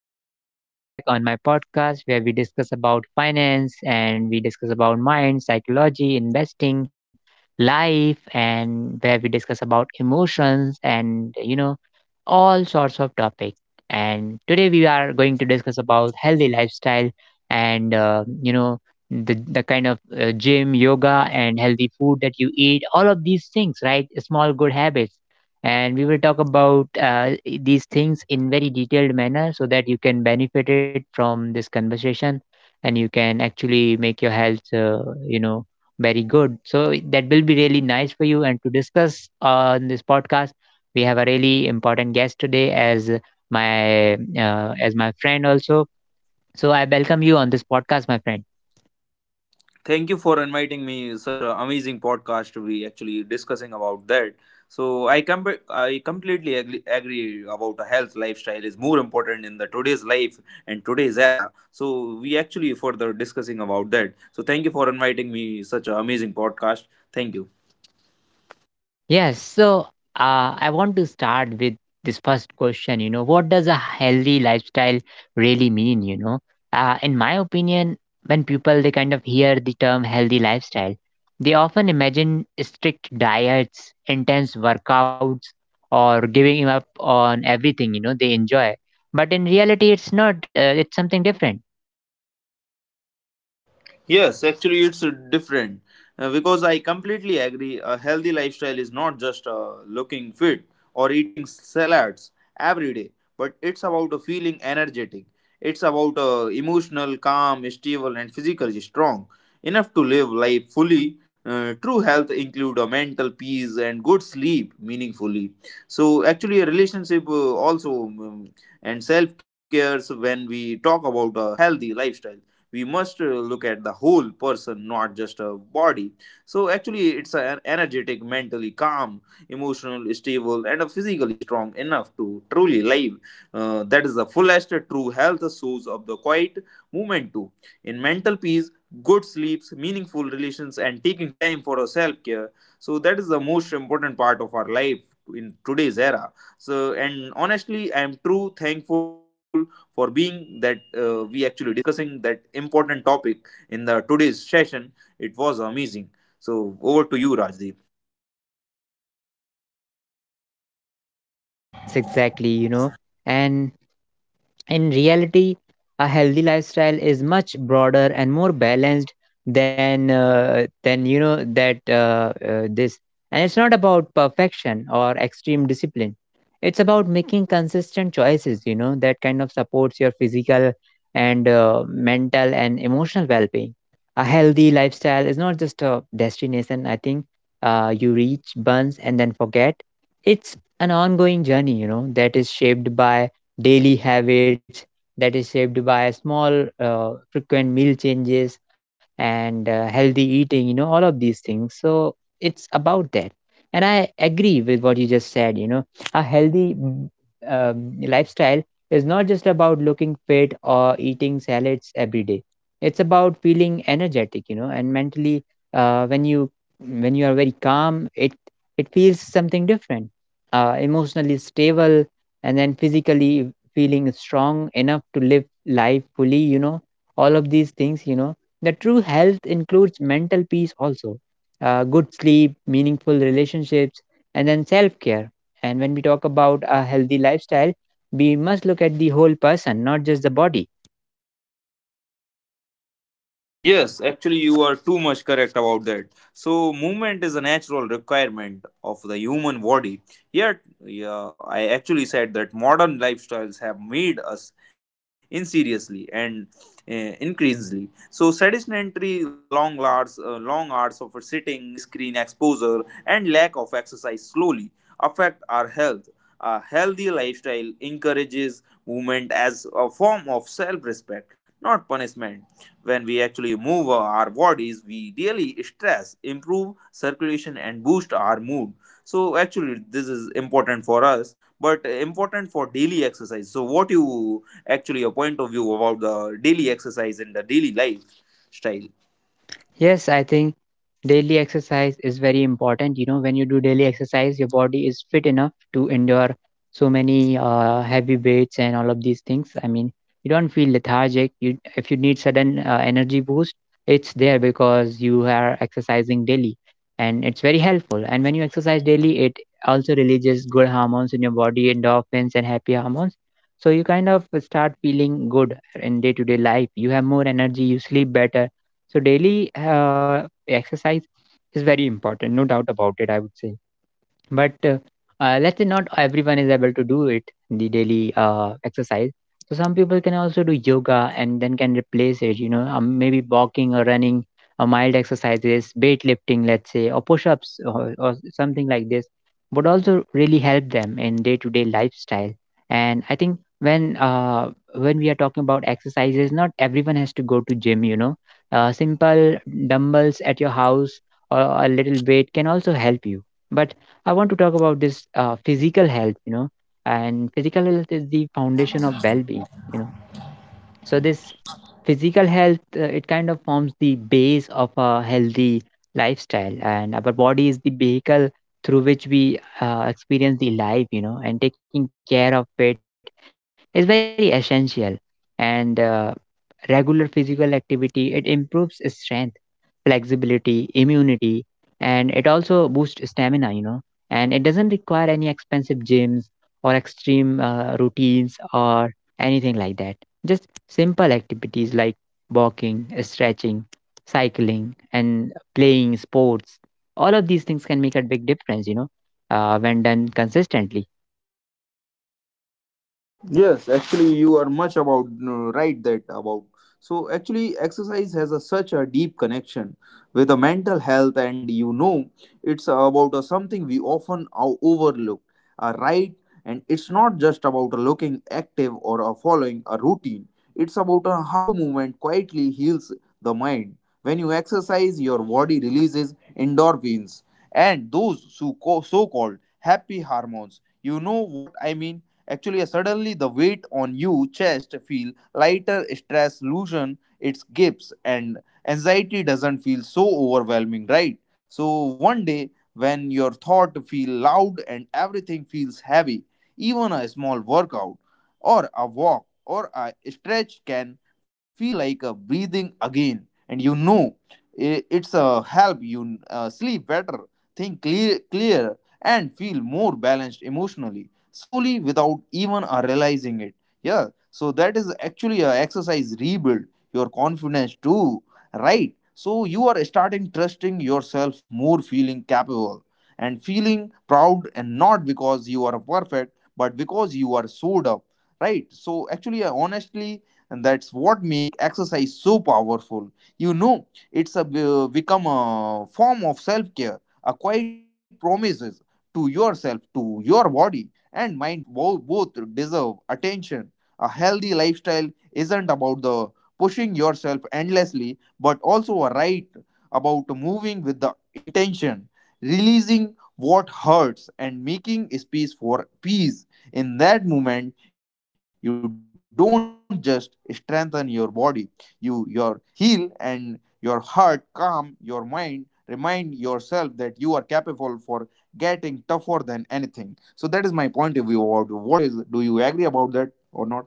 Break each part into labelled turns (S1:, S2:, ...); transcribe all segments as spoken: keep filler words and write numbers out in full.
S1: everybody, welcome back on my podcast where we discuss about finance and we discuss about mind, psychology, investing, life and where we discuss about emotions and you know all sorts of topics. And today we are going to discuss about healthy lifestyle and uh, you know the the kind of uh, gym, yoga and healthy food that you eat, all of these things, right? Small good habits and we will talk about uh, these things in very detailed manner so that you can benefit it from this conversation and you can actually make your health uh, you know very good so that will be really nice for you and to discuss on this podcast we have a really important guest today as my uh, as my friend also so i welcome you on this podcast my friend.
S2: Thank you for inviting me. Such an amazing podcast to be actually discussing about that. So I com- I completely agree, agree about a health lifestyle is more important in the today's life and today's era. So we actually further discussing about that. So thank you for inviting me. Such an amazing podcast. Thank you.
S1: Yes, so uh, I want to start with this first question. You know, what does a healthy lifestyle really mean? You know, uh, in my opinion, when people they kind of hear the term healthy lifestyle, they often imagine strict diets, intense workouts, or giving up on everything you know they enjoy. But in reality, it's not. Uh, it's something different.
S2: Yes, actually, it's uh, different. Uh, because I completely agree. A healthy lifestyle is not just uh, looking fit or eating salads every day, but it's about uh, feeling energetic. It's about uh, emotional, calm, stable, and physically strong enough to live life fully. Uh, true health include a mental peace and good sleep meaningfully, so actually a relationship uh, also, um, and self cares. When we talk about a healthy lifestyle, we must uh, look at the whole person, not just a body. So actually it's an energetic, mentally calm, emotional stable, and a physically strong enough to truly live. Uh, that is the fullest true health source of the quiet movement too, in mental peace, good sleeps, meaningful relations, and taking time for self-care. So that is the most important part of our life in today's era. So, and honestly, I am true thankful for being that uh, we actually discussing that important topic in the today's session. It was amazing. So over to you, Rajdeep.
S1: Yes, exactly. You know, and in reality, a healthy lifestyle is much broader and more balanced than uh, than you know that uh, uh, this. And it's not about perfection or extreme discipline. It's about making consistent choices, you know, that kind of supports your physical and uh, mental and emotional well-being. A healthy lifestyle is not just a destination. I think uh, you reach once and then forget. It's an ongoing journey, you know, that is shaped by daily habits, that is shaped by small, uh, frequent meal changes and uh, healthy eating, you know, all of these things. So it's about that. And I agree with what you just said, you know, a healthy mm, um, lifestyle is not just about looking fit or eating salads every day. It's about feeling energetic, you know, and mentally, uh, when you when you are very calm, it it feels something different, uh, emotionally stable, and then physically feeling strong enough to live life fully, you know, all of these things, you know. The true health includes mental peace also, uh, good sleep, meaningful relationships, and then self care. And when we talk about a healthy lifestyle, we must look at the whole person, not just the body.
S2: Yes, actually, you are too much correct about that. So, movement is a natural requirement of the human body. Yet, yeah, I actually said that modern lifestyles have made us insidiously and uh, increasingly so sedentary, long hours, uh, long hours of sitting, screen exposure, and lack of exercise slowly affect our health. A healthy lifestyle encourages movement as a form of self-respect, not punishment. When we actually move our bodies, we really stress, improve circulation, and boost our mood. So actually, this is important for us, but important for daily exercise. So, what you actually your point of view about the daily exercise and the daily life style?
S1: Yes, I think daily exercise is very important. You know, when you do daily exercise, your body is fit enough to endure so many uh, heavy weights and all of these things. I mean, you don't feel lethargic. You, if you need sudden uh, energy boost, it's there because you are exercising daily, and it's very helpful. And when you exercise daily, it also releases good hormones in your body, endorphins and happy hormones. So you kind of start feeling good in day-to-day life. You have more energy. You sleep better, so daily uh, exercise is very important, no doubt about it. I would say, but uh, uh, let's say not everyone is able to do it, the daily uh, exercise. So some people can also do yoga and then can replace it, you know um, maybe walking or running or mild exercises, weight lifting, let's say, or push-ups, or, or something like this would also really help them in day-to-day lifestyle. And I think when uh, when we are talking about exercises, not everyone has to go to gym, you know. Uh, simple dumbbells at your house or a little weight can also help you. But I want to talk about this uh, physical health, you know, and physical health is the foundation of well-being, you know. So this physical health, uh, it kind of forms the base of a healthy lifestyle, and our body is the vehicle through which we uh, experience the life, you know, and taking care of it is very essential. And uh, regular physical activity, it improves strength, flexibility, immunity, and it also boosts stamina, you know. And it doesn't require any expensive gyms or extreme uh, routines or anything like that. Just simple activities like walking, stretching, cycling, and playing sports, all of these things can make a big difference, you know, uh, when done consistently.
S2: Yes, actually, you are much about uh, right that about. So actually, exercise has a such a deep connection with the mental health, and you know, it's about a something we often o- overlook. A right, and it's not just about looking active or a following a routine. It's about a how movement quietly heals the mind. When you exercise, your body releases endorphins and those so so called happy hormones. You know what I mean. Actually, suddenly the weight on you chest feel lighter, stress loosen its grips, and anxiety doesn't feel so overwhelming, right? So one day when your thought feel loud and everything feels heavy, even a small workout or a walk or a stretch can feel like a breathing again. And you know, i- it's a help you uh, sleep better, think clear, clear, and feel more balanced emotionally slowly without even uh, realizing it. Yeah, so that is actually a exercise rebuild your confidence too, right? So you are starting trusting yourself more, feeling capable and feeling proud, and not because you are perfect, but because you are showed up, right? So actually, uh, honestly, and that's what make exercise so powerful. You know, it's a uh, become a form of self care, a quiet promises to yourself, to your body, and mind both deserve attention. A healthy lifestyle isn't about the pushing yourself endlessly, but also a right about moving with the intention, releasing what hurts and making space for peace. In that moment, you don't just strengthen your body, you your heal and your heart calm your mind remind yourself that you are capable for getting tougher than anything. So that is my point of view. About what is do you agree about that or not?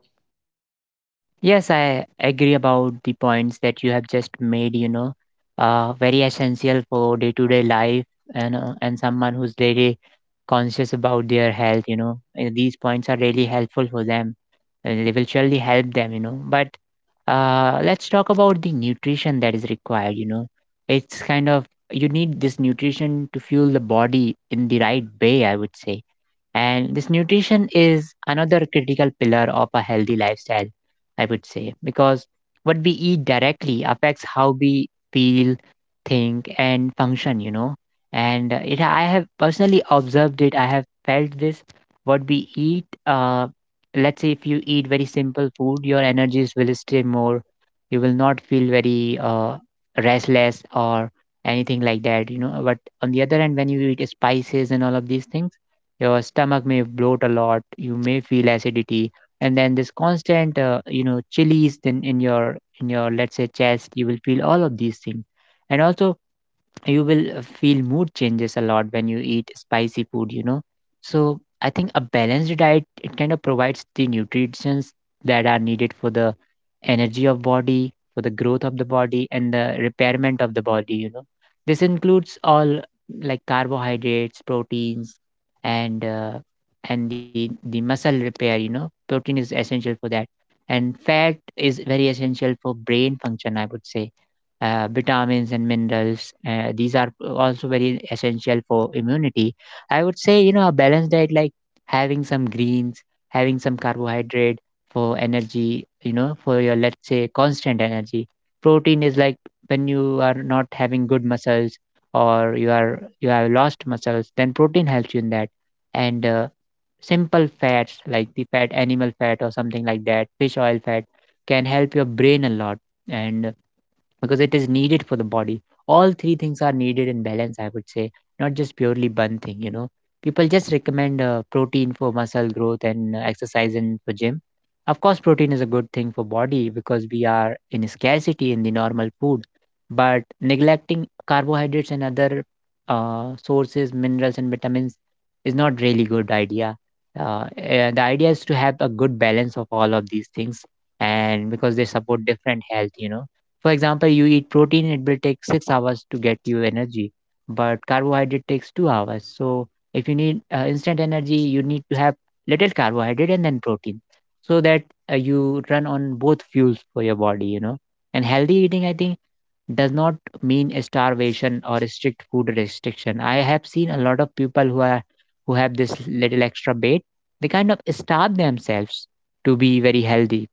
S1: Yes, I agree about the points that you have just made, you know, uh, very essential for day to day life, and, uh, and someone who's really conscious about their health, you know. Uh, These points are really helpful for them and they will surely help them, you know. But uh, let's talk about the nutrition that is required. You know, it's kind of, you need this nutrition to fuel the body in the right way, I would say. And this nutrition is another critical pillar of a healthy lifestyle, I would say, because what we eat directly affects how we feel, think, and function, you know. And uh, it, I have personally observed it, I have felt this. What we eat, uh, let's say if you eat very simple food, your energies will stay more, you will not feel very uh, restless or anything like that, you know. But on the other hand, when you eat spices and all of these things, your stomach may bloat a lot, you may feel acidity, and then this constant uh, you know chillies in, in your in your let's say chest, you will feel all of these things. And also you will uh, feel mood changes a lot when you eat spicy food, you know. So I think a balanced diet, it kind of provides the nutrients that are needed for the energy of body, for the growth of the body and the repairment of the body, you know. This includes all like carbohydrates, proteins, and uh, and the the muscle repair, you know, protein is essential for that. And fat is very essential for brain function, I would say. Uh, vitamins and minerals. Uh, these are also very essential for immunity. I would say, you know, a balanced diet like having some greens, having some carbohydrate for energy, you know, for your, let's say, constant energy. Protein is like when you are not having good muscles, or you are you have lost muscles, then protein helps you in that. And uh, simple fats like the fat, animal fat, or something like that, fish oil fat, can help your brain a lot. And because it is needed for the body. All three things are needed in balance, I would say, not just purely one thing, you know. People just recommend uh, protein for muscle growth and uh, exercise and for gym. Of course, protein is a good thing for body because we are in scarcity in the normal food, but neglecting carbohydrates and other uh, sources, minerals and vitamins is not really good idea. Uh, and the idea is to have a good balance of all of these things, and because they support different health, you know. For example, you eat protein, it will take six hours to get you energy, but carbohydrate takes two hours. So if you need uh, instant energy, you need to have little carbohydrate and then protein, so that uh, you run on both fuels for your body, you know. And healthy eating, I think, does not mean a starvation or a strict food restriction. I have seen a lot of people who are who have this little extra weight, they kind of starve themselves to be very healthy,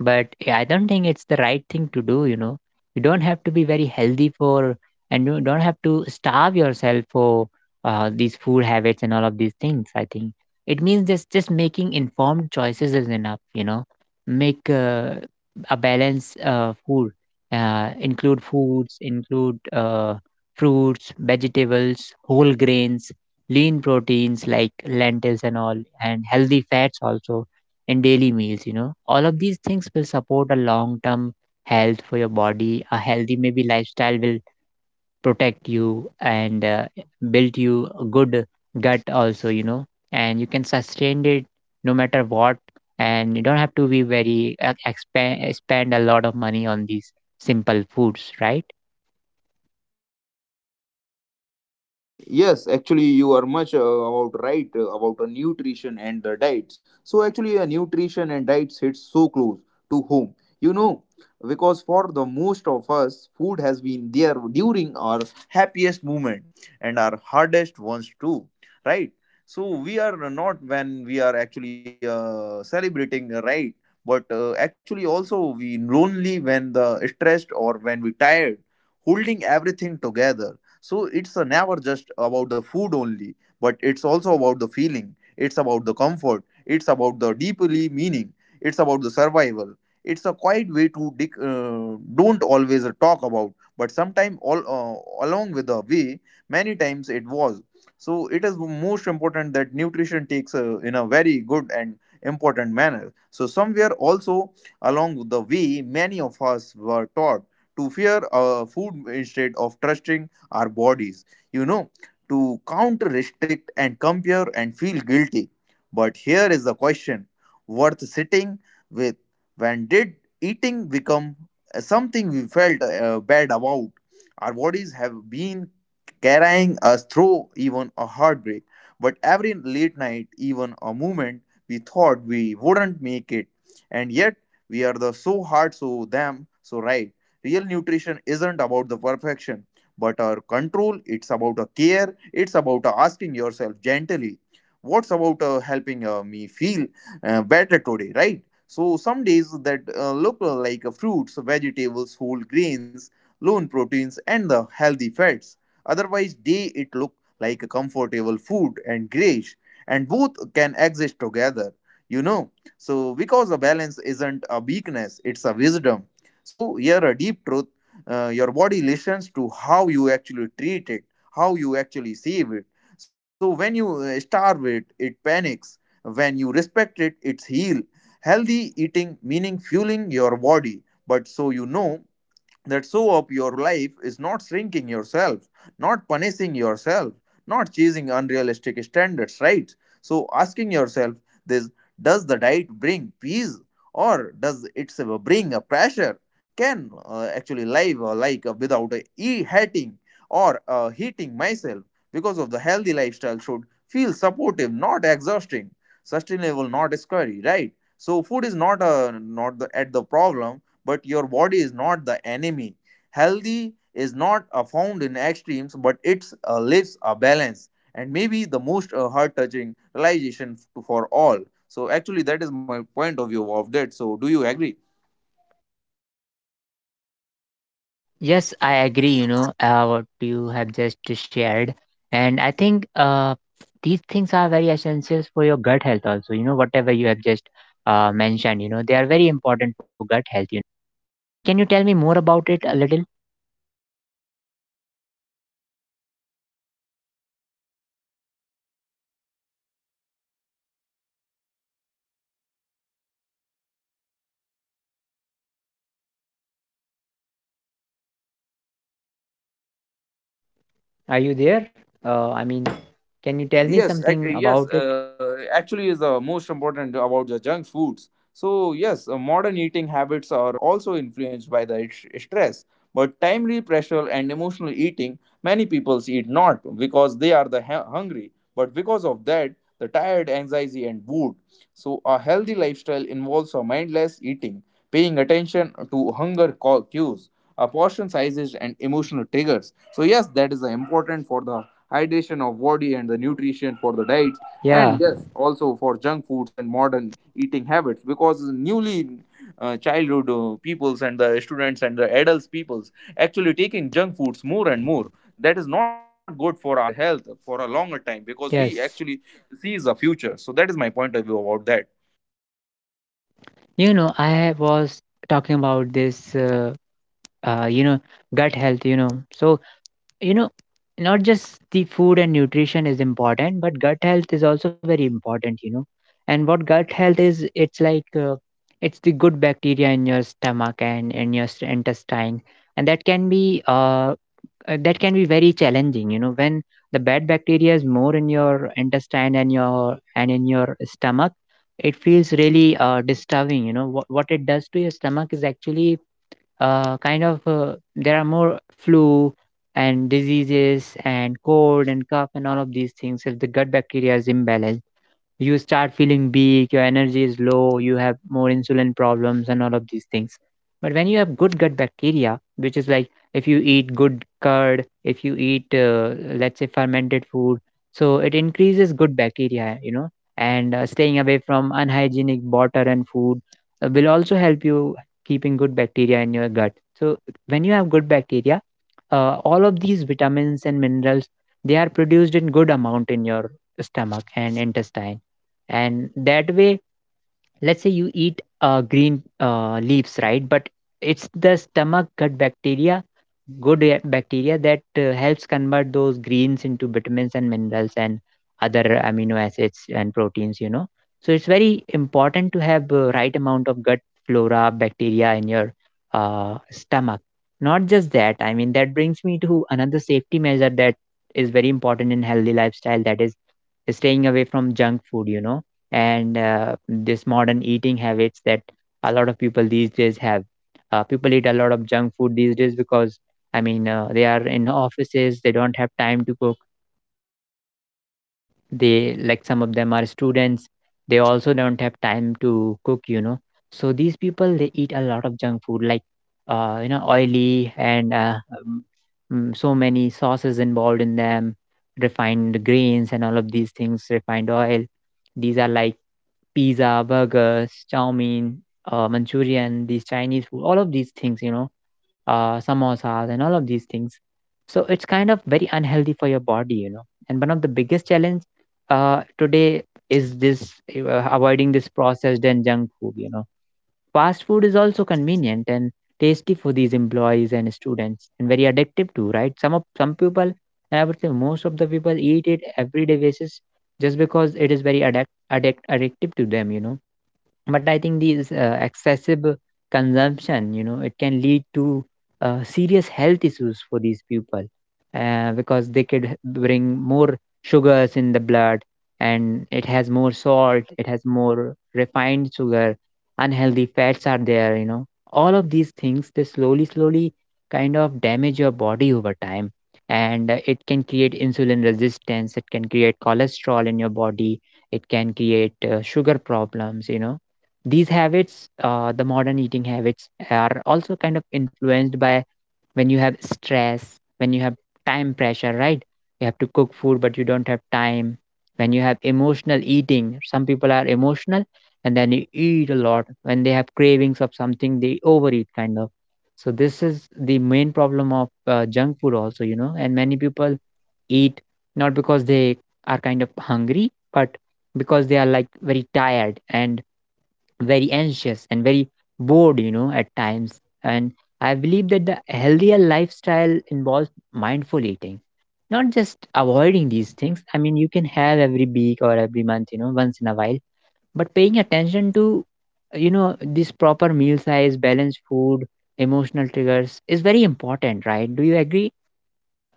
S1: but yeah, I don't think it's the right thing to do. You know, you don't have to be very healthy for, and you don't have to starve yourself for uh, these food habits and all of these things. I think it means just just making informed choices is enough. You know, make uh, a balanced uh, food, uh, include foods, include uh, fruits, vegetables, whole grains, lean proteins like lentils and all, and healthy fats also, and daily meals, you know. All of these things will support a long term health for your body. A healthy, maybe, lifestyle will protect you and uh, build you a good gut, also, you know. And you can sustain it no matter what. And you don't have to be very uh, expand, spend a lot of money on these simple foods, right?
S2: Yes, actually, you are much uh, about right uh, about the nutrition and the diets. So actually, a nutrition and diets hits so close to home. You know, because for the most of us, food has been there during our happiest moment and our hardest ones too, right? So we are not when we are actually uh, celebrating, uh, right? But uh, actually, also we lonely when the stressed or when we tired, holding everything together. So it's uh, never just about the food only, but it's also about the feeling, it's about the comfort, it's about the deeply meaning, it's about the survival. It's a quiet way to dic- uh, don't always talk about, but sometime all uh, along with the way many times it was. So it is most important that nutrition takes uh, in a very good and important manner. So somewhere also along the way, many of us were taught to fear uh, food instead of trusting our bodies, you know, to counter, restrict, and compare and feel guilty. But here is the question worth sitting with. When did eating become uh, something we felt uh, bad about? Our bodies have been carrying us through even a heartbreak, but every late night, even a moment, we thought we wouldn't make it, and yet we are the so hard so damn so right. Real nutrition isn't about the perfection but our control. It's about a care, it's about a asking yourself gently what's about uh, helping uh, me feel uh, better today, right? So some days that uh, look uh, like uh, fruits, vegetables, whole grains, lean proteins, and the healthy fats. Otherwise day it look like a comfortable food and grayish, and both can exist together, you know. So because a balance isn't a weakness, it's a wisdom. So here a deep truth: uh, your body listens to how you actually treat it, how you actually save it. So when you uh, starve it, it panics. When you respect it, it's heal. Healthy eating meaning fueling your body, but so you know that so of your life is not shrinking yourself, not punishing yourself, not chasing unrealistic standards, right? So asking yourself this: does the diet bring peace, or does it bring a pressure? Can uh, actually live uh, like uh, without uh, e- hating or uh, hating myself? Because of the healthy lifestyle should feel supportive, not exhausting, sustainable, not scary, right? So food is not a not the, at the problem, but your body is not the enemy. Healthy is not uh, found in extremes, but it uh, lives a balance. And maybe the most uh, heart-touching realization f- for all. So actually, that is my point of view of that. So do you agree?
S1: Yes, I agree, you know, uh, what you have just shared. And I think uh, these things are very essential for your gut health also, you know, whatever you have just uh, mentioned, you know, they are very important for gut health. You, can you tell me more about it a little? Are you there? Uh, I mean, can you tell me
S2: Yes,
S1: something
S2: ac-
S1: about
S2: yes.
S1: it?
S2: Uh, actually, is the most important about the junk foods. So yes, uh, modern eating habits are also influenced by the sh- stress, but timely pressure and emotional eating. Many people eat not because they are the hu- hungry, but because of that, the tired, anxiety, and mood. So a healthy lifestyle involves a mindless eating, paying attention to hunger ca- cues, uh, portion sizes, and emotional triggers. So yes, that is the important for the hydration of body and the nutrition for the diets. And
S1: Yeah,
S2: yes, also for junk foods and modern eating habits, because newly uh, childhood uh, peoples and the students and the adults peoples actually taking junk foods more and more. That is not good for our health for a longer time, because we actually
S1: yes.
S2: sees the future. So that is my point of view about that.
S1: You know, I was talking about this, uh, uh, you know, gut health, you know. So you know, not just the food and nutrition is important, but gut health is also very important, you know. And what gut health is, it's like uh, it's the good bacteria in your stomach and in your st- intestine. And that can be uh, uh, that can be very challenging, you know, when the bad bacteria is more in your intestine and your and in your stomach. It feels really uh, disturbing, you know. What, what it does to your stomach is actually uh, kind of uh, there are more flu and diseases and cold and cough and all of these things if the gut bacteria is imbalanced. You start feeling weak, your energy is low, you have more insulin problems, and all of these things. But when you have good gut bacteria, which is like, if you eat good curd, if you eat, uh, let's say, fermented food, so it increases good bacteria, you know. And uh, staying away from unhygienic water and food uh, will also help you keeping good bacteria in your gut. So when you have good bacteria, uh, all of these vitamins and minerals, they are produced in good amount in your stomach and intestine. And that way, let's say you eat uh, green uh, leaves, right? But it's the stomach gut bacteria, good uh, bacteria that uh, helps convert those greens into vitamins and minerals and other amino acids and proteins, you know. So it's very important to have uh, right amount of gut flora bacteria in your uh, stomach. Not just that, I mean, that brings me to another safety measure that is very important in healthy lifestyle, that is staying away from junk food, you know. And uh, this modern eating habits that a lot of people these days have. Uh, people eat a lot of junk food these days because, I mean, uh, they are in offices, they don't have time to cook. They, like some of them are students, they also don't have time to cook, you know. So these people, they eat a lot of junk food, like, uh, you know, oily and uh, um, mm, so many sauces involved in them, refined grains and all of these things, refined oil. These are like pizza, burgers, chow mein, uh, Manchurian, these Chinese food, all of these things, you know, uh, samosas and all of these things. So it's kind of very unhealthy for your body, you know. And one of the biggest challenge uh, today is this uh, avoiding this processed and junk food, you know. Fast food is also convenient and tasty for these employees and students, and very addictive too, right? Some of some people, and I would say most of the people eat it everyday basis just because it is very addict, addict addictive to them, you know. But I think these uh, excessive consumption, you know, it can lead to uh, serious health issues for these people, uh, because they could h- bring more sugars in the blood. And it has more salt, it has more refined sugar, unhealthy fats are there, you know. All of these things, they slowly slowly kind of damage your body over time. And uh, it can create insulin resistance, it can create cholesterol in your body, it can create uh, sugar problems, you know. These habits, uh, the modern eating habits, are also kind of influenced by when you have stress, when you have time pressure, right? You have to cook food, but you don't have time. When you have emotional eating, some people are emotional and then you eat a lot. When they have cravings of something, they overeat, kind of. So this is the main problem of uh, junk food, also, you know. And many people eat not because they are kind of hungry, but because they are like very tired and very anxious and very bored, you know, at times. And I believe that the healthier lifestyle involves mindful eating, not just avoiding these things. I mean, you can have every week or every month, you know, once in a while, but paying attention to, you know, this proper meal size, balanced food, emotional triggers is very important, right? Do you agree?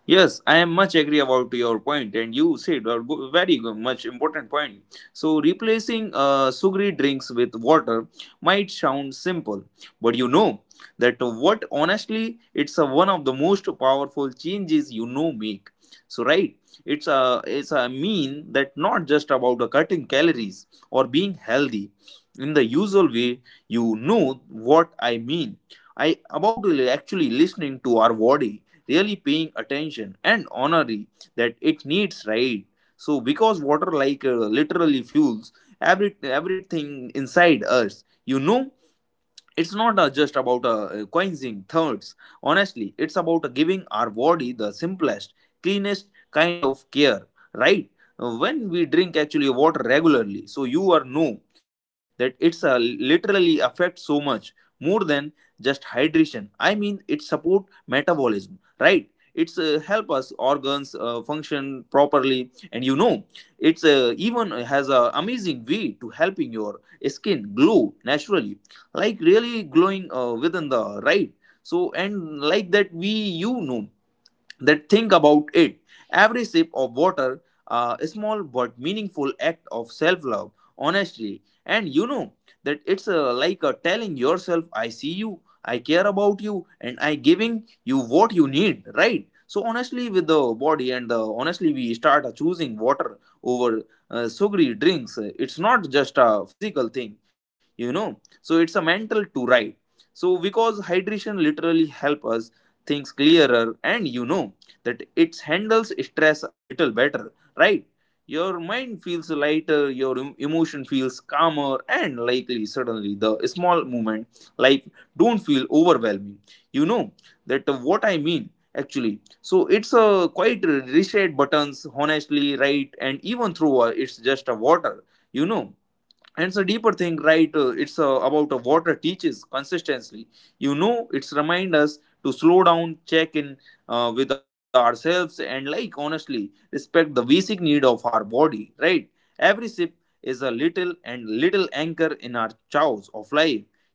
S2: Yes, I am much agree about your point, and you said a go- very go- much important point. So, replacing uh, sugary drinks with water might sound simple, but you know that what honestly, it's a one of the most powerful changes you know make. So, right, it's a it's a mean that not just about the cutting calories or being healthy in the usual way. You know what I mean. I about actually listening to our body, really paying attention and honoring that it needs, right? So because water like uh, literally fuels every everything inside us, you know. It's not uh, just about uh, coining thirds. Honestly, it's about uh, giving our body the simplest, cleanest kind of care, right? Uh, when we drink actually water regularly, so you are know that it's uh, literally affects so much more than just hydration. I mean, it support metabolism, right? It's uh, help us organs uh, function properly. And you know, it's uh, even has a amazing way to helping your skin glow naturally, like really glowing uh, within the right. So and like that we, you know that, think about it. Every sip of water, uh, a small but meaningful act of self love, honesty, and you know that it's uh, like uh, telling yourself, I see you, I care about you, and I giving you what you need, right? So, honestly, with the body and the honestly, we start uh, choosing water over uh, sugary drinks. It's not just a physical thing, you know, so it's a mental to right. So, because hydration literally help us things clearer and you know that it handles stress a little better, right? Your mind feels lighter, your em- emotion feels calmer, and likely suddenly the small moment like don't feel overwhelming. You know that uh, what I mean actually. So it's a quite reset buttons, honestly, right? And even through uh, it's just a water, you know, and it's a deeper thing, right? Uh, it's uh, about uh, what teaches consistently. You know, it's remind us to slow down, check in uh, with ourselves and like honestly respect the basic need of our body, right? Every sip is a little and little anchor in our chows of life, you know.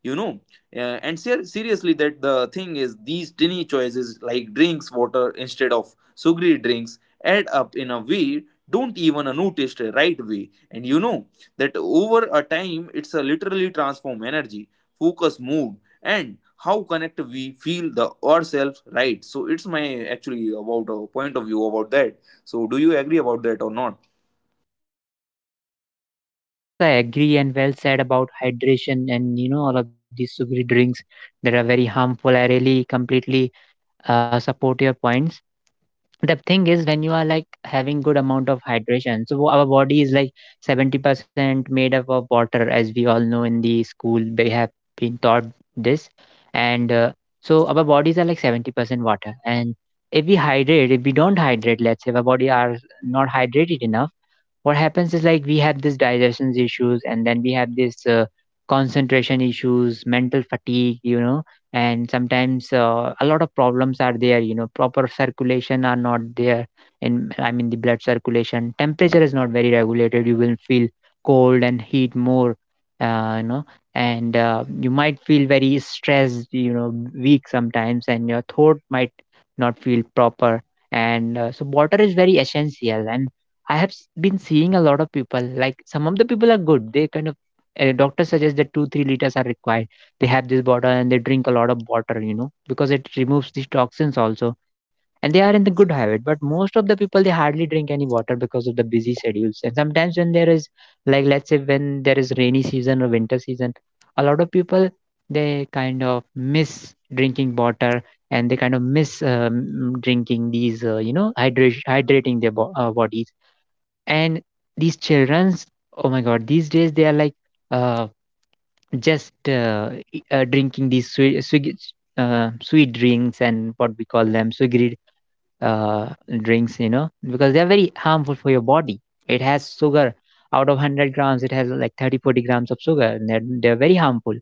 S2: Uh, and ser- seriously, that the thing is these tiny choices like drinks water instead of sugary drinks add up in a way don't even notice the right way. And you know that over a time, it's a literally transform energy, focus, mood, and how connect we feel the ourselves, right? So it's my actually about a point of view about that. So, do you agree about that or not?
S1: Yes, I agree, and well said about hydration and you know all of these sugary drinks that are very harmful. I really completely uh, support your points. The thing is when you are like having good amount of hydration, so our body is like seventy percent made up of water, as we all know in the school they have been taught this. And uh, so our bodies are like seventy percent water. And if we hydrate, if we don't hydrate, let's say if our body are not hydrated enough, what happens is like we have this digestion issues, and then we have this uh, concentration issues, mental fatigue, you know. And sometimes uh, a lot of problems are there, you know, proper circulation are not there. In, I mean, the blood circulation, temperature is not very regulated, you will feel cold and heat more, uh, you know. And uh, you might feel very stressed, you know, weak sometimes, and your throat might not feel proper. And uh, so water is very essential. And I have s- been seeing a lot of people, like some of the people are good, they kind of uh, doctors suggest that two three liters are required. They have this bottle and they drink a lot of water, you know, because it removes these toxins also. And they are in the good habit. But most of the people, they hardly drink any water because of the busy schedules. And sometimes when there is, like, let's say when there is rainy season or winter season, a lot of people, they kind of miss drinking water. And they kind of miss um, drinking these uh, you know, hydration, hydrating their bo- uh, bodies. And these children's, oh my god, these days they are like, uh, just uh, e- uh, drinking these sweet, sweet, uh, sweet drinks, and what we call them sugary uh, drinks, you know, because they're very harmful for your body. It has sugar. Out of one hundred grams, it has like thirty, forty grams of sugar. And they're, they're very harmful.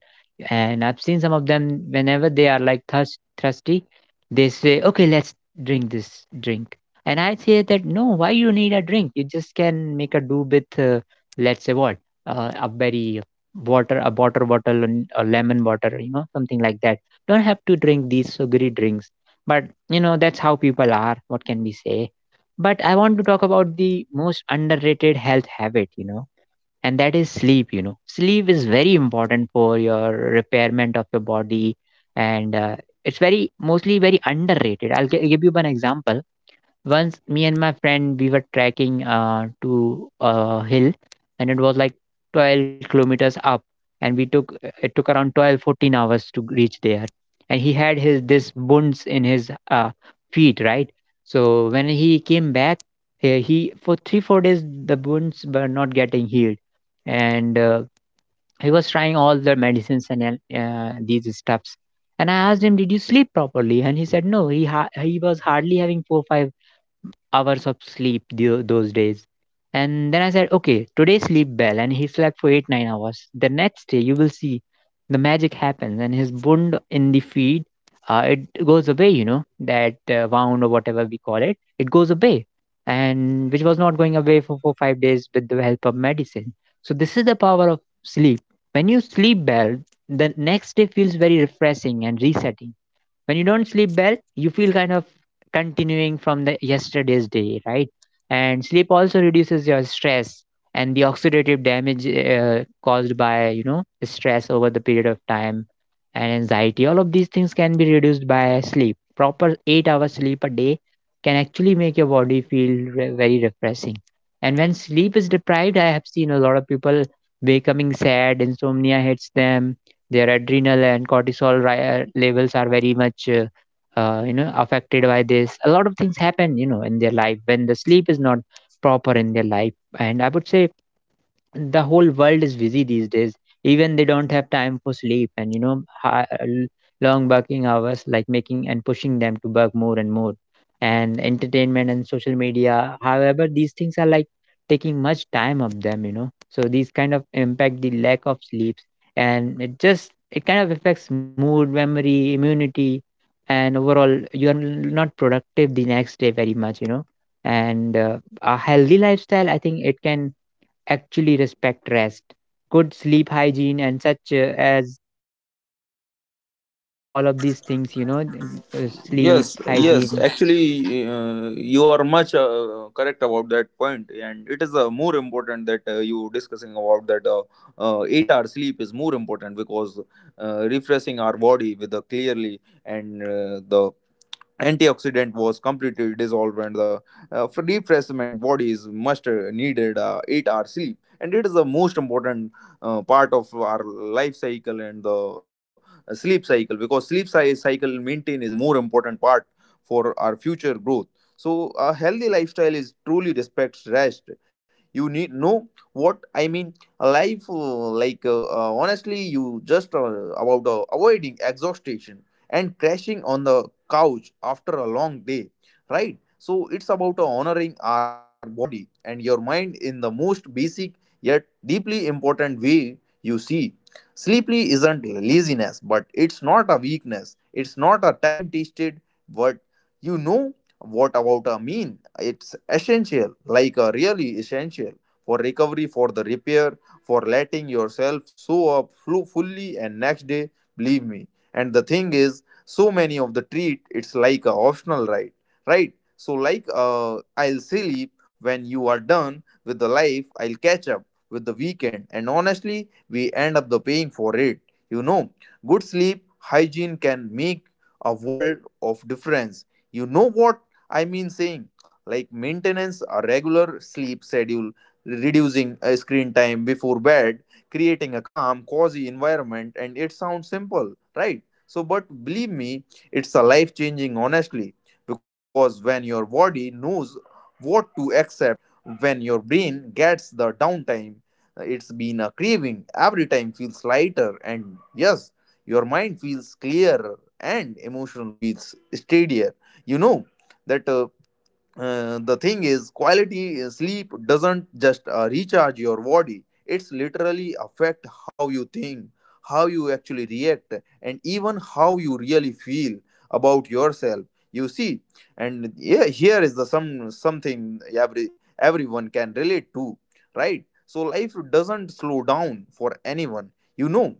S1: And I've seen some of them whenever they are like thirst, thirsty, they say, okay, let's drink this drink. And I say that, no, why you need a drink? You just can make a do with, uh, let's say what, uh, a berry water, a water bottle and a lemon water, you know, something like that. Don't have to drink these sugary drinks. But you know, that's how people are, what can we say. But I want to talk about the most underrated health habit, you know, and that is sleep. You know, sleep is very important for your repairment of your body. And uh, it's very mostly very underrated. I'll gi- give you one example. Once me and my friend, we were trekking uh, to a hill, and it was like twelve kilometers up. And we took, it took around twelve fourteen hours to reach there. And he had his this wounds in his uh, feet, right? So when he came back, he, he for three or four days the wounds were not getting healed. And uh, he was trying all the medicines and uh, uh, these stuffs. And I asked him, did you sleep properly? And he said no, he ha- he was hardly having four five hours of sleep tho- those days. And then I said, okay, today sleep well. And he slept for eight, nine hours. The next day, you will see the magic happens, and his wound in the feet, uh, it goes away, you know, that uh, wound or whatever we call it, it goes away. And which was not going away for, for five days with the help of medicine. So this is the power of sleep. When you sleep well, the next day feels very refreshing and resetting. When you don't sleep well, you feel kind of continuing from the yesterday's day, right? And sleep also reduces your stress and the oxidative damage uh, caused by you know stress over the period of time and anxiety. All of these things can be reduced by sleep. Proper eight hours sleep a day can actually make your body feel re- very refreshing. And when sleep is deprived, I have seen a lot of people becoming sad, insomnia hits them, their adrenal and cortisol ri- uh, levels are very much uh, uh, you know affected by this. A lot of things happen, you know, in their life when the sleep is not proper in their life. And I would say the whole world is busy these days. Even they don't have time for sleep, and you know hi- l- long working hours like making and pushing them to work more and more, and entertainment and social media, however, these things are like taking much time of them, you know. So these kind of impact the lack of sleeps, and it just, it kind of affects mood, memory, immunity, and overall you are n- not productive the next day very much, you know. And uh, A healthy lifestyle, I think, it can actually respect rest, good sleep hygiene, and such uh, as all of these things, you know, n- uh,
S2: Yes.
S1: sleep
S2: Yes
S1: hygiene.
S2: actually. uh, you are much uh, correct about that point, and it is uh, more important that uh, you discussing about that uh, uh, eight hour sleep is more important because uh, refreshing our body with the clearly, and uh, the antioxidant was completely dissolved, and the uh, for refreshment bodies must uh, needed uh, eight hour sleep, and it is the most important uh, part of our life cycle and the uh, sleep cycle, because sleep cy- cycle maintain is more important part for our future growth. So a healthy lifestyle is truly respects rest. You need know what I mean. A life uh, like uh, uh, honestly you just uh, about uh, avoiding exhaustion and crashing on the couch after a long day, right? So it's about honoring our body and your mind in the most basic yet deeply important way, you see. Sleepy isn't laziness, but it's not a weakness. It's not a time tested word. You know what about a mean? It's essential, like a really essential for recovery, for the repair, for letting yourself show up flu- fully and next day, believe me. And the thing is so many of the treat it's like a optional, right? Right, so like uh, I'll sleep when you are done with the life, I'll catch up with the weekend, and honestly we end up the paying for it, you know. Good sleep hygiene can make a world of difference. You know what I mean saying, like maintenance a regular sleep schedule, reducing uh, screen time before bed, creating a calm, cozy environment. And it sounds simple, right? So, but believe me, it's a life changing, honestly, because when your body knows what to accept, when your brain gets the downtime, it's been a craving, every time feels lighter, and yes, your mind feels clearer and emotion feels steadier. You know that. Uh, uh, the thing is quality uh, sleep doesn't just uh, recharge your body, it's literally affect how you think, how you actually react, and even how you really feel about yourself, you see. And yeah, here is the some something every everyone can relate to, right? So life doesn't slow down for anyone, you know.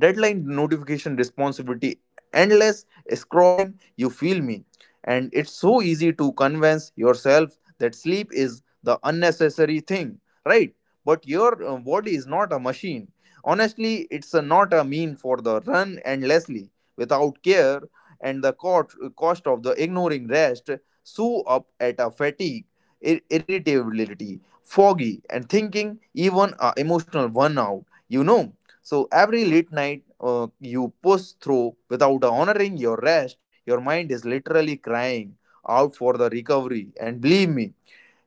S2: Deadline, notification, responsibility, endless scrolling, you feel me. And it's so easy to convince yourself that sleep is the unnecessary thing, right? But your uh, body is not a machine. Honestly, it's a, not a mean for the run endlessly without care. And the cost, cost of the ignoring rest sew up at a fatigue, ir- irritability, foggy and thinking, even a emotional burnout, you know. So every late night uh, you push through without honoring your rest, your mind is literally crying out for the recovery. And believe me,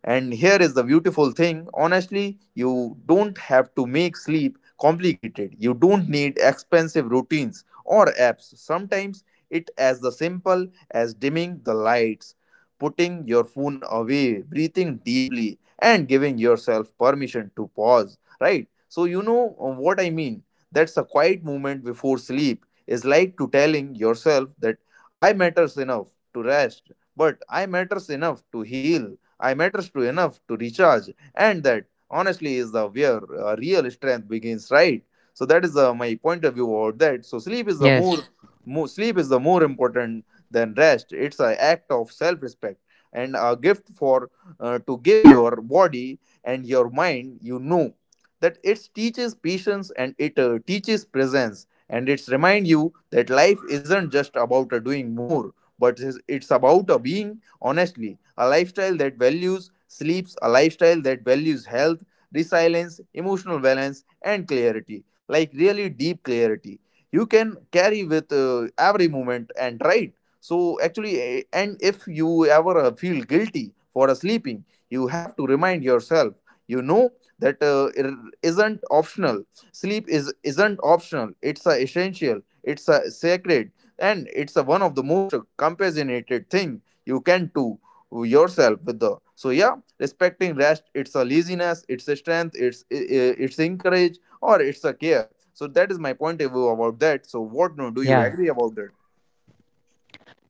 S2: and here is the beautiful thing, honestly, you don't have to make sleep complicated. You don't need expensive routines or apps. Sometimes it as the simple as dimming the lights, putting your phone away, breathing deeply, and giving yourself permission to pause, right? So, you know uh, what I mean. That's a quiet moment before sleep is like to telling yourself that I matters enough to rest, but I matters enough to heal, I matters to enough to recharge, and that honestly is the where uh, real strength begins, right? So that is uh, my point of view about that. So sleep is the more,
S1: Yes,
S2: more sleep is the more important than rest. It's an act of self-respect and a gift for uh, to give your body and your mind. You know that it teaches patience, and it uh, teaches presence, and it's remind you that life isn't just about uh, doing more, but is- it's about a being. Honestly, a lifestyle that values sleeps, a lifestyle that values health, resilience, emotional balance, and clarity, like really deep clarity you can carry with uh, every moment, and right. So actually, eh, and if you ever uh, feel guilty for uh, sleeping, you have to remind yourself, you know, that uh, it isn't optional. Sleep is isn't optional, it's a essential, it's a sacred, and it's a one of the most uh, compassionated thing you can do yourself with the. So yeah, respecting rest, it's a laziness, it's a strength, it's it's encourage, or it's a care. So that is my point of view about that. So what, no, do you
S1: yeah.
S2: agree about that?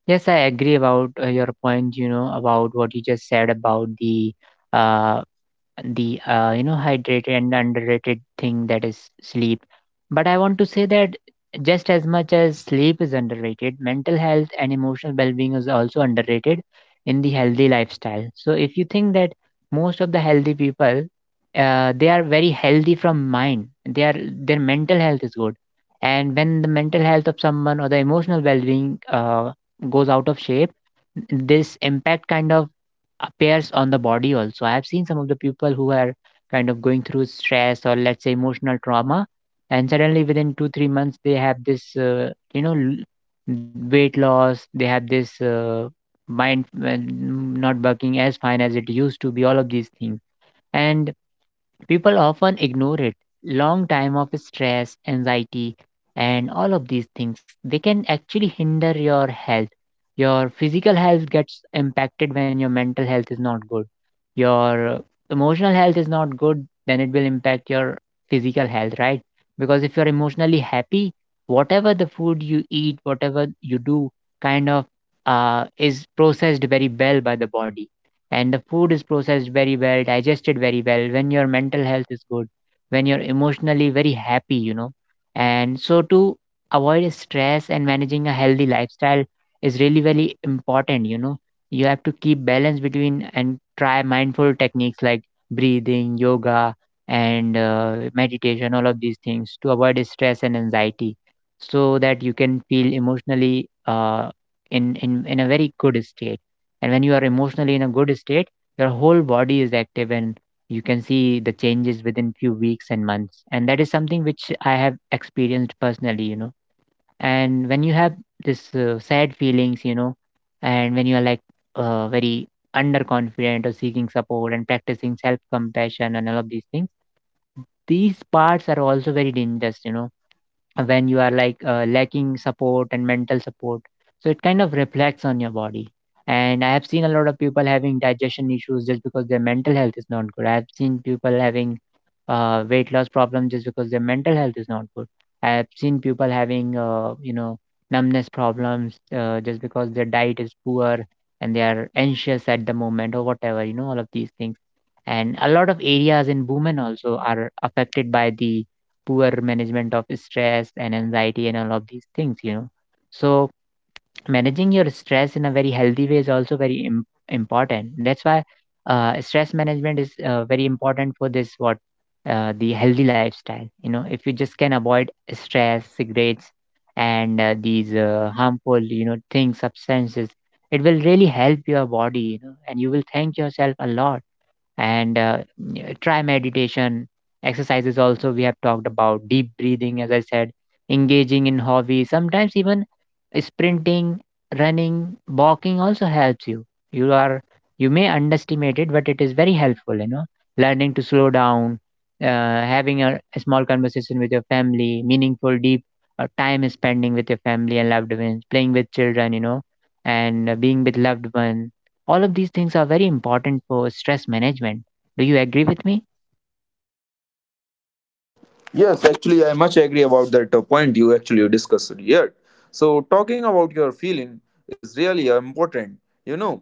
S1: Yes, I agree about uh, your point, you know, about what you just said about the uh, the uh, you know, hydrated and underrated thing that is sleep. But I want to say that just as much as sleep is underrated, mental health and emotional well-being is also underrated in the healthy lifestyle. So if you think that most of the healthy people, uh, they are very healthy from mind, they are, their mental health is good. And when the mental health of someone or the emotional well-being uh, goes out of shape, this impact kind of appears on the body also. I have seen some of the people who are kind of going through stress, or let's say emotional trauma, and suddenly within two three months they have this, uh, you know l- weight loss. They have this uh, mind uh, not working as fine as it used to be. All of these things. And people often ignore it. Long time of stress, anxiety, and all of these things, they can actually hinder your health. Your physical health gets impacted when your mental health is not good. Your emotional health is not good, then it will impact your physical health, right? Because if you're emotionally happy, whatever the food you eat, whatever you do, kind of uh, is processed very well by the body. And the food is processed very well, digested very well, when your mental health is good, when you're emotionally very happy, you know. And so to avoid stress and managing a healthy lifestyle is really very important, you know. You have to keep balance between and try mindful techniques like breathing, yoga, and uh, meditation, all of these things to avoid stress and anxiety, so that you can feel emotionally uh, in, in, in a very good state. And when you are emotionally in a good state, your whole body is active, and you can see the changes within few weeks and months, and that is something which I have experienced personally, you know. And when you have this uh, sad feelings, you know, and when you are like uh, very underconfident, or seeking support and practicing self compassion and all of these things, these parts are also very dangerous, you know. When you are like uh, lacking support and mental support, so it kind of reflects on your body. And I have seen a lot of people having digestion issues just because their mental health is not good. I have seen people having uh, weight loss problems just because their mental health is not good. I have seen people having uh, you know numbness problems uh, just because their diet is poor and they are anxious at the moment or whatever, you know, all of these things. And a lot of areas in women also are affected by the poor management of stress and anxiety and all of these things, you know. So managing your stress in a very healthy way is also very Im- important. That's why uh, stress management is uh, very important for this, what, uh, the healthy lifestyle, you know. If you just can avoid stress, cigarettes, and uh, these uh, harmful, you know, things, substances, it will really help your body, you know, and you will thank yourself a lot. And uh, Yeah, try meditation exercises, also we have talked about deep breathing as I said, engaging in hobbies, sometimes even sprinting, running, walking also helps you. You are, you may underestimate it, but it is very helpful, you know. Learning to slow down, uh, having a, a small conversation with your family, meaningful deep uh, time spending with your family and loved ones, playing with children, you know, and uh, being with loved ones, all of these things are very important for stress management. Do you agree with me?
S2: Yes actually, I much agree about that uh, point you actually discussed here. So talking about your feeling is really uh, important, you know.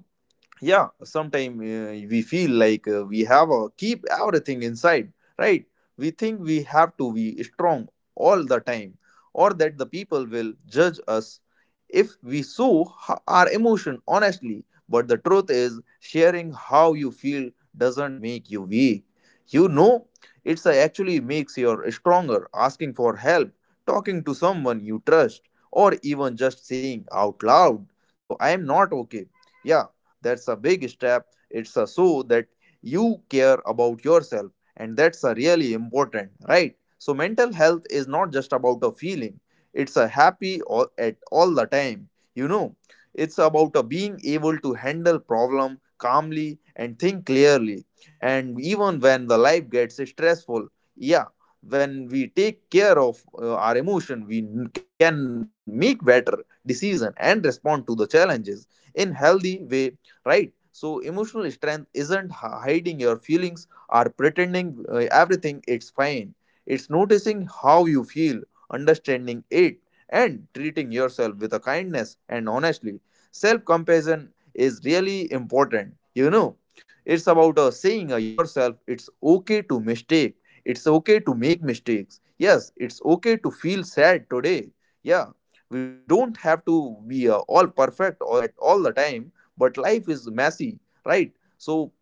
S2: Yeah, sometimes uh, we feel like uh, we have a keep everything inside, right? We think we have to be strong all the time, or that the people will judge us if we show h- our emotion, honestly. But the truth is sharing how you feel doesn't make you weak, you know. It's uh, actually makes you stronger. Asking for help, talking to someone you trust, or even just saying out loud, so I am not okay. Yeah, that's a big step. It's a show that you care about yourself, and that's a really important, right? So, mental health is not just about a feeling, it's a happy all, at all the time, you know. It's about a being able to handle problem calmly and think clearly. And even when the life gets stressful, yeah, when we take care of uh, our emotion, we n- can make better decision and respond to the challenges in healthy way, right? So, emotional strength isn't hiding your feelings or pretending uh, everything it's fine. It's noticing how you feel, understanding it, and treating yourself with a kindness and honestly. Self compassion is really important. You know, it's about uh, saying uh, yourself it's okay to mistake, it's okay to make mistakes. Yes, it's okay to feel sad today. Yeah, we don't have to be uh, all perfect or at all the time, but life is messy, right? So,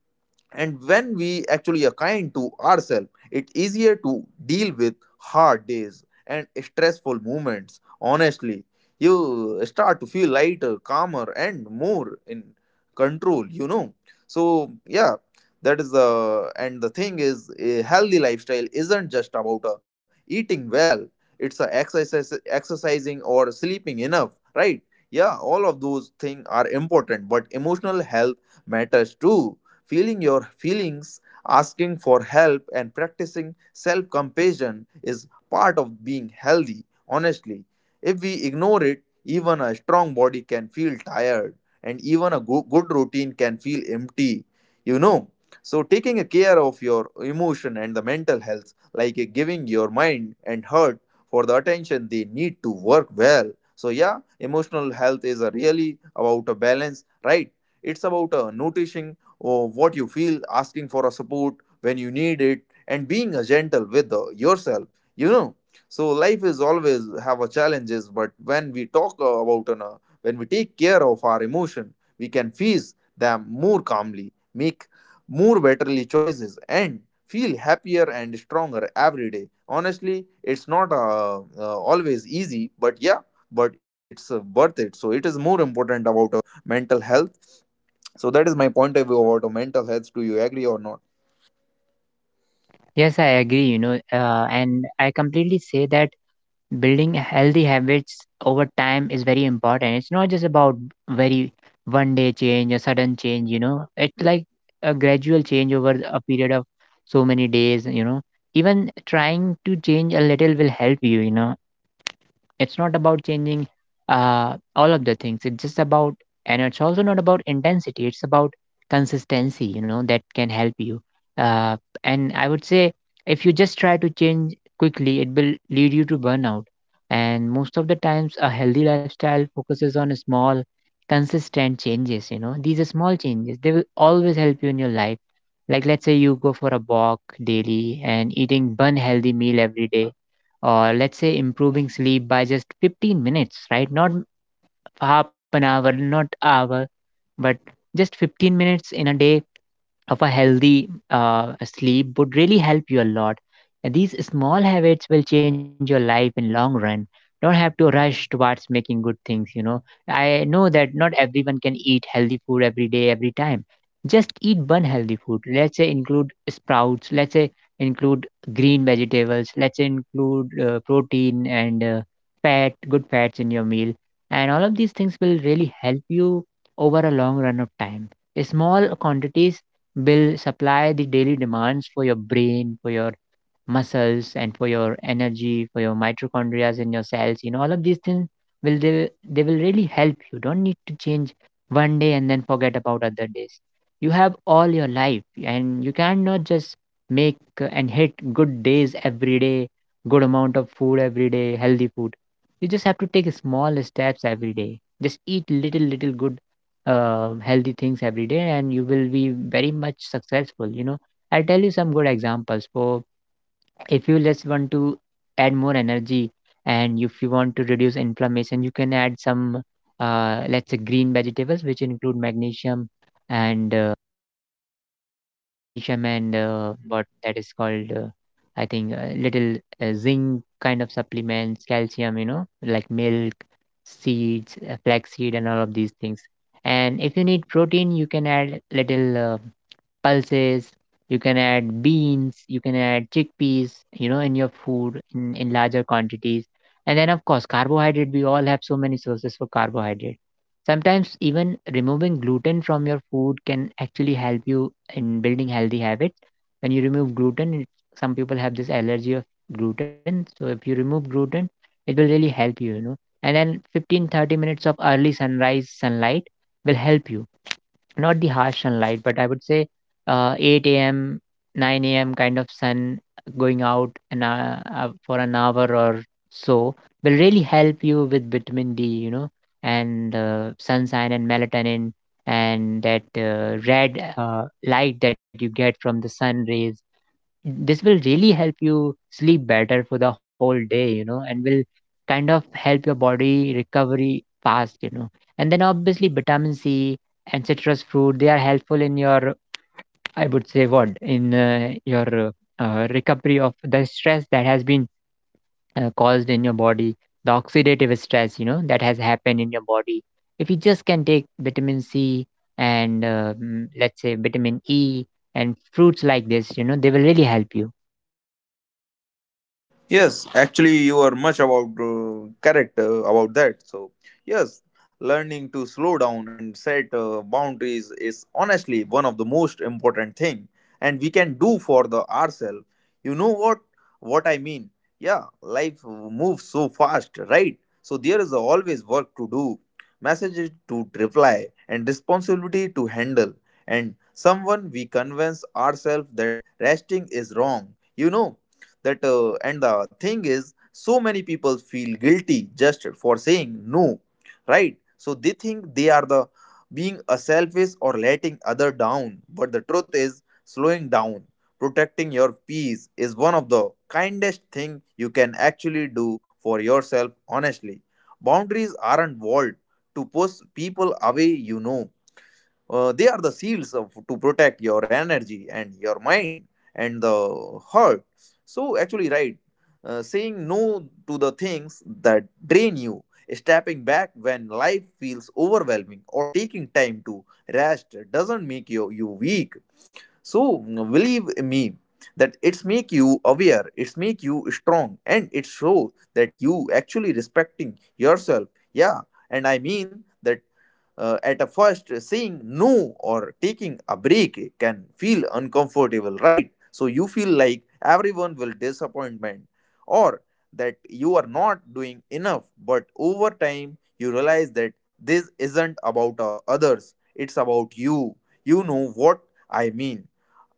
S2: and when we actually are kind to ourselves, it's easier to deal with hard days and stressful moments, honestly. You start to feel lighter, calmer, and more in control, you know. So yeah, that is the, and the thing is a healthy lifestyle isn't just about uh, eating well, it's a exercise exercising or sleeping enough, right? Yeah, all of those things are important, but emotional health matters too. Feeling your feelings, asking for help, and practicing self compassion is part of being healthy, honestly. If we ignore it, even a strong body can feel tired, and even a go- good routine can feel empty. You know, so taking a care of your emotion and the mental health, like uh, giving your mind and heart for the attention they need to work well. So yeah, emotional health is a really about a balance, right? It's about uh, noticing oh, what you feel, asking for a support when you need it, and being a gentle with uh, yourself. You know, so life is always have a challenges, but when we talk uh, about an, uh, when we take care of our emotion, we can face them more calmly, make more betterly choices, and feel happier and stronger every day. Honestly, it's not uh, uh, always easy, but yeah, but it's uh, worth it. So it is more important about uh, mental health. So that is my point of view about mental health. Do you agree or not?
S1: Yes, I agree, you know, uh, and I completely say that building healthy habits over time is very important. It's not just about very one day change, a sudden change, you know, it's like a gradual change over a period of so many days, you know. Even trying to change a little will help you, you know. It's not about changing uh, all of the things. It's just about, and it's also not about intensity. It's about consistency, you know, that can help you. Uh, and I would say, if you just try to change quickly, it will lead you to burnout. And most of the times, a healthy lifestyle focuses on small, consistent changes. You know, these are small changes. They will always help you in your life. Like, let's say you go for a walk daily and eating one healthy meal every day, or let's say improving sleep by just fifteen minutes, right? Not half an hour, not hour, but just fifteen minutes in a day of a healthy uh, sleep would really help you a lot. And these small habits will change your life in long run. Don't have to rush towards making good things, you know. I know that not everyone can eat healthy food every day, every time. Just eat one healthy food. Let's say include sprouts. Let's say include green vegetables. Let's say include uh, protein and uh, fat, good fats in your meal. And all of these things will really help you over a long run of time. Small quantities will supply the daily demands for your brain, for your muscles, and for your energy, for your mitochondria in your cells, you know, all of these things will, they, they will really help you. Don't need to change one day and then forget about other days. You have all your life, and you cannot just make uh, and hit good days every day, good amount of food every day, healthy food. You just have to take small steps every day. Just eat little little good uh, healthy things every day, and you will be very much successful, you know. I'll tell you some good examples. For, if you just want to add more energy and if you want to reduce inflammation, you can add some uh, let's say green vegetables which include magnesium and uh, magnesium and uh, what that is called, uh, I think uh, little uh, zinc kind of supplements, calcium, you know, like milk, seeds, uh, flaxseed, and all of these things. And if you need protein, you can add little uh, pulses, you can add beans, you can add chickpeas, you know, in your food in, in larger quantities. And then, of course, carbohydrate, we all have so many sources for carbohydrate. Sometimes, even removing gluten from your food can actually help you in building healthy habits. When you remove gluten, it-, some people have this allergy of gluten. So, if you remove gluten, it will really help you, you know. And then fifteen thirty minutes of early sunrise sunlight will help you, not the harsh sunlight, but I would say uh, eight a m, nine a m kind of sun, going out and uh, uh, for an hour or so, will really help you with vitamin D, you know, and uh, sunshine and melatonin, and that uh, red uh, light that you get from the sun rays, this will really help you sleep better for the whole day, you know, and will kind of help your body recovery fast, you know. And then obviously vitamin C and citrus fruit, they are helpful in your, I would say, what in uh, your uh, recovery of the stress that has been uh, caused in your body, the oxidative stress, you know, that has happened in your body. If you just can take vitamin C and uh, mm, let's say vitamin E and fruits like this, you know, they will really help you.
S2: Yes, actually, you are much about uh, correct uh, about that. So, yes, learning to slow down and set uh, boundaries is honestly one of the most important thing, and we can do for the ourselves. You know what what I mean? Yeah, life moves so fast, right? So there is always work to do, messages to reply, and responsibility to handle, and someone we convince ourselves that resting is wrong. You know that uh, and the thing is, so many people feel guilty just for saying no, right? So they think they are the being a selfish or letting other down, but the truth is slowing down, protecting your peace is one of the kindest thing you can actually do for yourself. Honestly, boundaries aren't walled to push people away you know uh, They are the seals of, to protect your energy and your mind and the heart. So, actually, right, uh, saying no to the things that drain you, stepping back when life feels overwhelming, or taking time to rest doesn't make you, you weak. So believe me that it's make you aware, it's make you strong, and it shows that you actually respecting yourself, yeah. And I mean that uh, at a first, saying no or taking a break can feel uncomfortable, right? So you feel like everyone will disappointment or that you are not doing enough, but over time you realize that this isn't about uh, others, it's about you. You know what I mean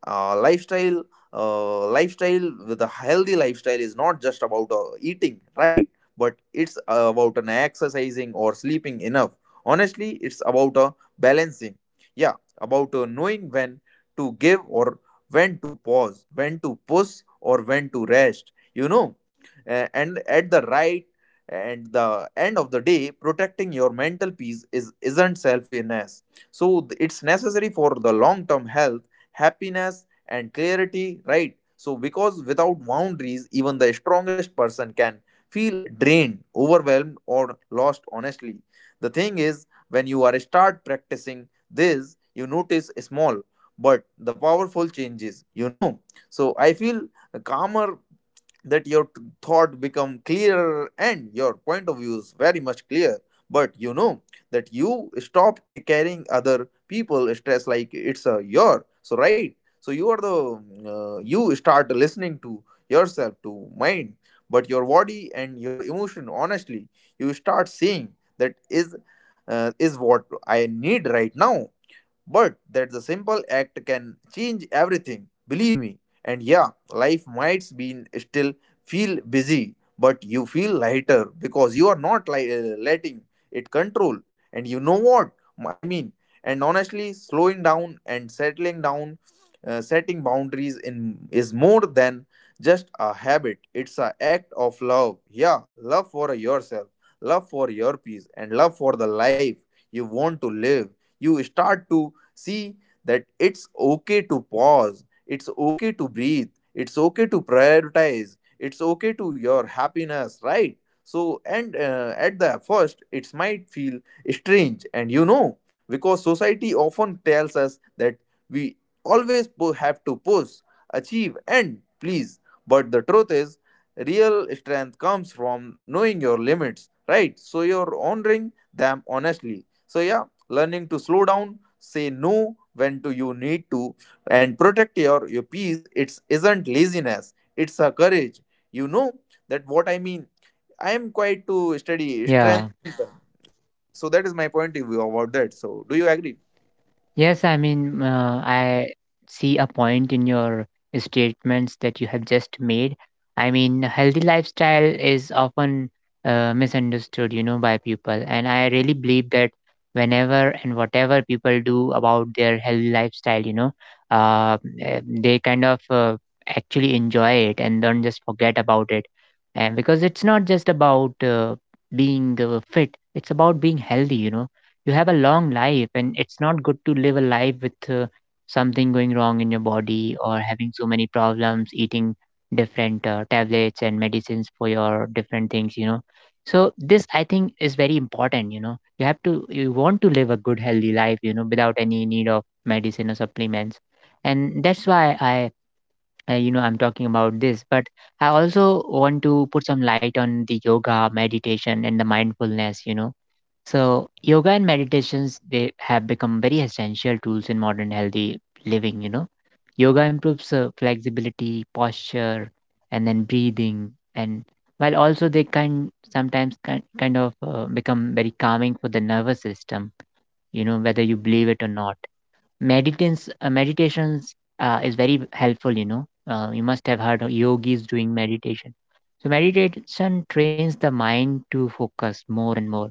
S2: uh, Lifestyle, uh, lifestyle with a healthy lifestyle is not just about uh, eating right, but it's uh, about an exercising or sleeping enough. Honestly, it's about a balancing, yeah, about uh, knowing when to give or when to pause, when to push or when to rest, you know. A- and at the right and the end of the day, protecting your mental peace is isn't selfishness, so th- it's necessary for the long term health, happiness, and clarity, right? So, because without boundaries, even the strongest person can feel drained, overwhelmed, or lost, honestly. The thing is, when you are start practicing this, you notice small but the powerful changes, you know. So, I feel calmer, that your t- thought become clearer and your point of view is very much clear. But you know that you stop ca- carrying other people stress like it's a your so. Right, so you are the mm, uh, you start listening to yourself, to mind, but your body and your emotion, honestly. You start seeing that is uh, is what I need right now, but that the simple act can change everything, believe me. And yeah, life might be still feel busy, but you feel lighter because you are not li- uh, letting it control. And you know what I mean. And honestly, slowing down and settling down, uh, setting boundaries in is more than just a habit, it's an act of love. Yeah, love for yourself, love for your peace, and love for the life you want to live. You start to see that it's okay to pause, it's okay to breathe, it's okay to prioritize, it's okay to your happiness, right? So, and uh, at the first, it might feel strange. And you know, because society often tells us that we always po- have to push, achieve, and please, but the truth is real strength comes from knowing your limits, right? So you're honoring them, honestly, so yeah, learning to slow down, say no when do you need to, and protect your your peace, it's isn't laziness, it's a courage. You know that what I mean. I am quite to study
S1: Yeah.
S2: strength. So that is my point of view about that, so do you agree?
S1: Yes, I mean, uh, I see a point in your statements that you have just made. I mean, healthy lifestyle is often uh, misunderstood, you know, by people. And I really believe that whenever and whatever people do about their healthy lifestyle, you know, uh, eh, they kind of uh, actually enjoy it and don't just forget about it. And because it's not just about uh, being uh, fit, it's about being healthy, you know, you have a long life, and it's not good to live a life with uh, something going wrong in your body, or having so many problems eating different uh, tablets and medicines for your different things, you know. So this, I think, is very important. You know, you have to you want to live a good healthy life, you know, without any need of medicine or supplements. And that's why I, uh, you know, I'm talking about this, but I also want to put some light on the yoga, meditation, and the mindfulness, you know. So, yoga and meditations, they have become very essential tools in modern healthy living, you know. Yoga improves uh, flexibility, posture, and then breathing, and while also they can sometimes kind, kind of uh, become very calming for the nervous system, you know, whether you believe it or not. Meditations uh, meditations uh, is very helpful, you know. Uh, you must have heard of yogis doing meditation. So meditation trains the mind to focus more and more,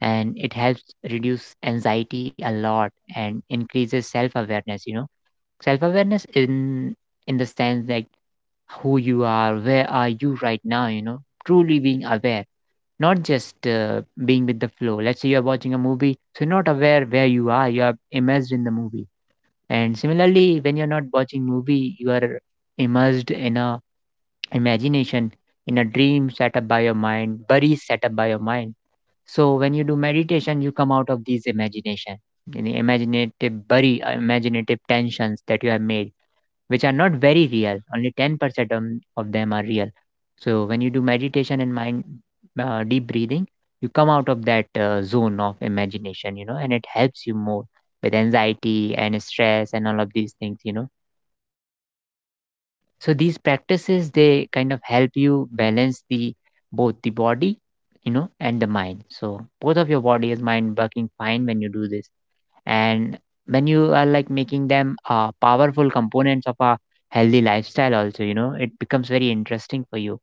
S1: and it helps reduce anxiety a lot, and increases self awareness, you know. Self awareness in in the sense like, who you are, where are you right now, you know, truly being aware, not just uh, being with the flow. Let's say you're watching a movie, so you're not aware where you are, you are immersed in the movie. And similarly, when you're not watching movie, you are immersed in a imagination, in a dream set up by your mind, worries set up by your mind. So when you do meditation, you come out of these imagination, in the imaginative worry, uh, imaginative tensions that you have made, which are not very real. Only ten percent on- of them are real. So when you do meditation and mind uh, deep breathing, you come out of that uh, zone of imagination, you know, and it helps you more with anxiety and stress and all of these things, you know. So these practices, they kind of help you balance the both the body, you know, and the mind. So both of your body is mind working fine when you do this. And when you are like making them uh, powerful components of a healthy lifestyle also, you know, it becomes very interesting for you,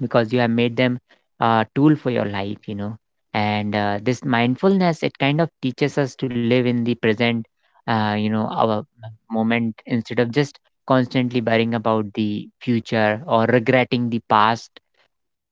S1: because you have made them a tool for your life, you know. And uh, this mindfulness, it kind of teaches us to live in the present uh, you know, our moment, instead of just constantly worrying about the future or regretting the past.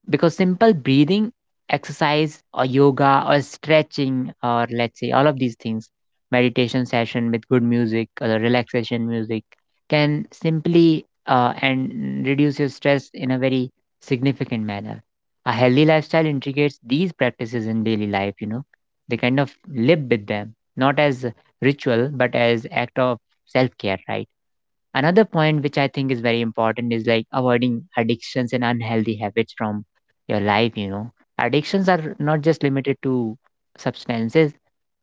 S1: Because simple breathing exercise or yoga or stretching, or let's say all of these things, meditation session with good music or the relaxation music, can simply uh, and reduce your stress in a very significant manner. A healthy lifestyle integrates these practices in daily life, you know. They kind of live with them not as ritual, but as act of self-care, right? Another point which I think is very important is like avoiding addictions and unhealthy habits from your life, you know. Addictions are not just limited to substances,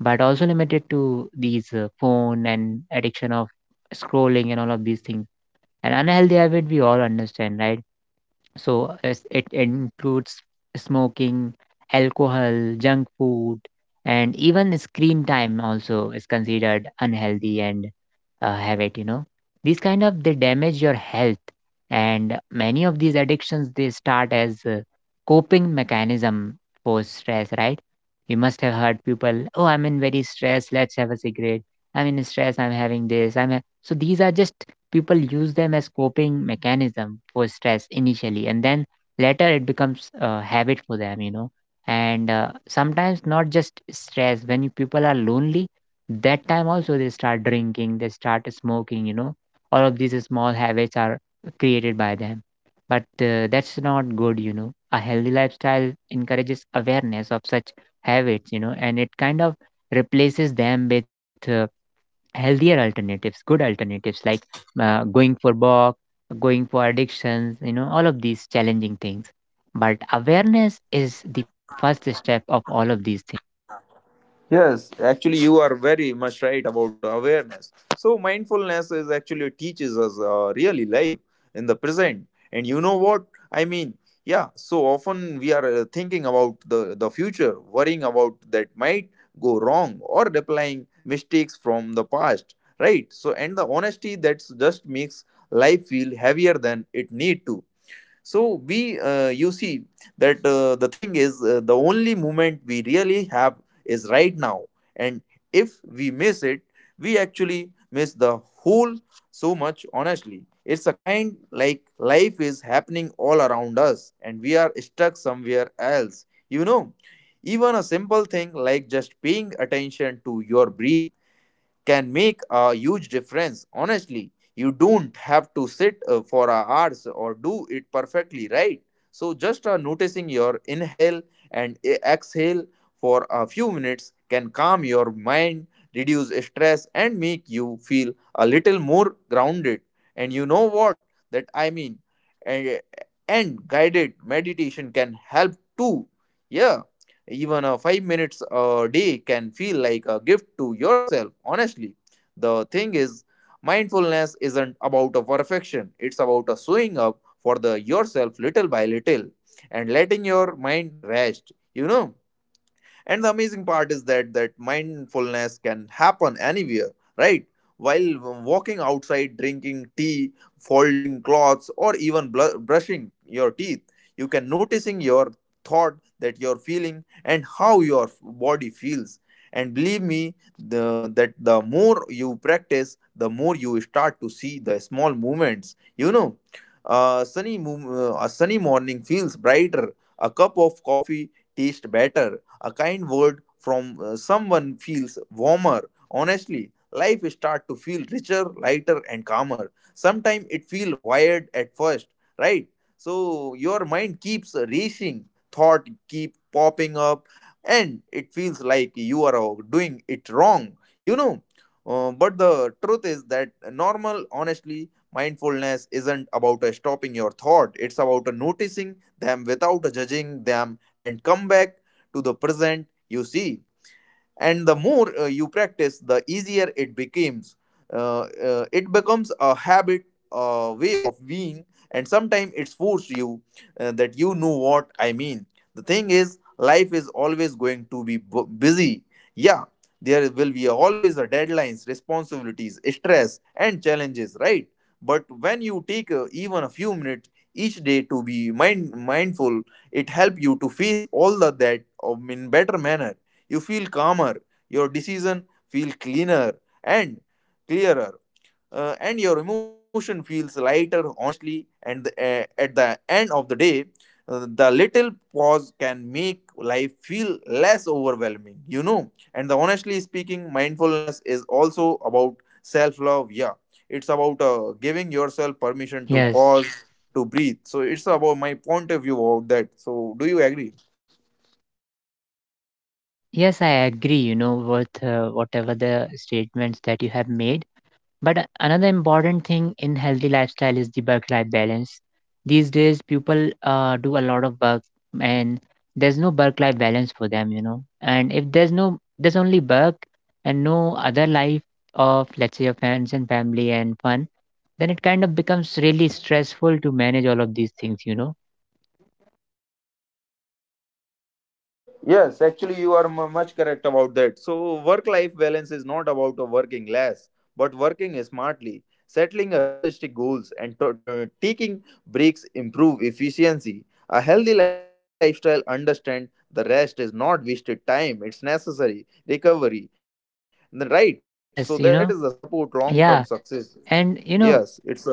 S1: but also limited to these uh, phone, and addiction of scrolling and all of these things. An unhealthy habit we all understand, right? So as it includes smoking, alcohol, junk food, and even screen time also is considered unhealthy and uh, have it, you know. These kind of, they damage your health, and many of these addictions, they start as a coping mechanism for stress, right? You must have heard people, oh, I'm in very stress, let's have a cigarette. I'm in stress, I'm having this, i'm ha-. So these are just, people use them as coping mechanism for stress initially, and then later it becomes a habit for them, you know. And uh, sometimes not just stress, when you, people are lonely, that time also they start drinking, they start smoking, you know. All of these small habits are created by them, but uh, that's not good, you know. A healthy lifestyle encourages awareness of such habits, you know, and it kind of replaces them with uh, healthier alternatives, good alternatives, like uh, going for walk, going for addictions, you know, all of these challenging things. But awareness is the first step of all of these things.
S2: Yes, actually, you are very much right about awareness. So, mindfulness is actually teaches us uh, really live in the present. And you know what I mean? Yeah. So often we are uh, thinking about the the future, worrying about that might go wrong, or replying mistakes from the past. Right. So, and the honesty, that's just makes life feel heavier than it need to. So we uh, you see that uh, the thing is, uh, the only moment we really have is right now. And if we miss it, we actually miss the whole so much. Honestly, it's a kind like life is happening all around us and we are stuck somewhere else, you know. Even a simple thing like just paying attention to your breath can make a huge difference. Honestly, you don't have to sit uh, for a hours or do it perfectly, right? So, just uh, noticing your inhale and e- exhale for a few minutes can calm your mind, reduce stress, and make you feel a little more grounded. And you know what that I mean? And, and guided meditation can help too. Yeah, even uh, five minutes a day can feel like a gift to yourself, honestly. The thing is, mindfulness isn't about a perfection, it's about a showing up for the yourself little by little and letting your mind rest, you know. And the amazing part is that that mindfulness can happen anywhere, right? While walking outside, drinking tea, folding clothes, or even bl- brushing your teeth, you can noticing your thought, that your feeling, and how your body feels. And believe me, the, that the more you practice, the more you start to see the small movements, you know. A sunny mo- uh, a sunny morning feels brighter, a cup of coffee tastes better, a kind word from uh, someone feels warmer. Honestly, life start to feel richer, lighter, and calmer. Sometimes it feel wired at first, right? So your mind keeps racing, thought keep popping up, and it feels like you are uh, doing it wrong. You know. Uh, but the truth is that normal, honestly, mindfulness isn't about uh, stopping your thought. It's about uh, noticing them without uh, judging them and come back to the present, you see. And the more uh, you practice, the easier it becomes, uh, uh, it becomes a habit, a way of being. And sometimes it's forced you uh, that you know what I mean. The thing is, life is always going to be bu- busy, yeah. There will be always a deadlines, responsibilities, stress, and challenges, right? But when you take uh, even a few minutes each day to be mind mindful, it helps you to face all the that um, in better manner. You feel calmer, your decision feel cleaner and clearer, uh, and your emotion feels lighter. Honestly, and the, uh, at the end of the day, uh, the little pause can make life feel less overwhelming. You know, and the honestly speaking, mindfulness is also about self love. Yeah, it's about uh, giving yourself permission to
S1: Yes.
S2: pause, to breathe. So it's about my point of view about that. So do you agree?
S1: Yes, I agree, you know, with uh, whatever the statements that you have made. But a- another important thing in healthy lifestyle is the work-life balance. These days, people uh, do a lot of work, and there's no work-life balance for them, you know. And if there's no, there's only work and no other life of, let's say, your friends and family and fun, then it kind of becomes really stressful to manage all of these things, you know.
S2: Yes, actually, you are mu much correct about that. So, work life balance is not about working less, but working smartly, settling a realistic goals, and to- to- taking breaks improve efficiency. A healthy lifestyle understand the rest is not wasted time, it's necessary recovery. And The- Right, so that is the support long
S1: Yes,
S2: term
S1: you know.
S2: success.
S1: Yeah.
S2: Yes, it's
S1: And
S2: important.
S1: you know,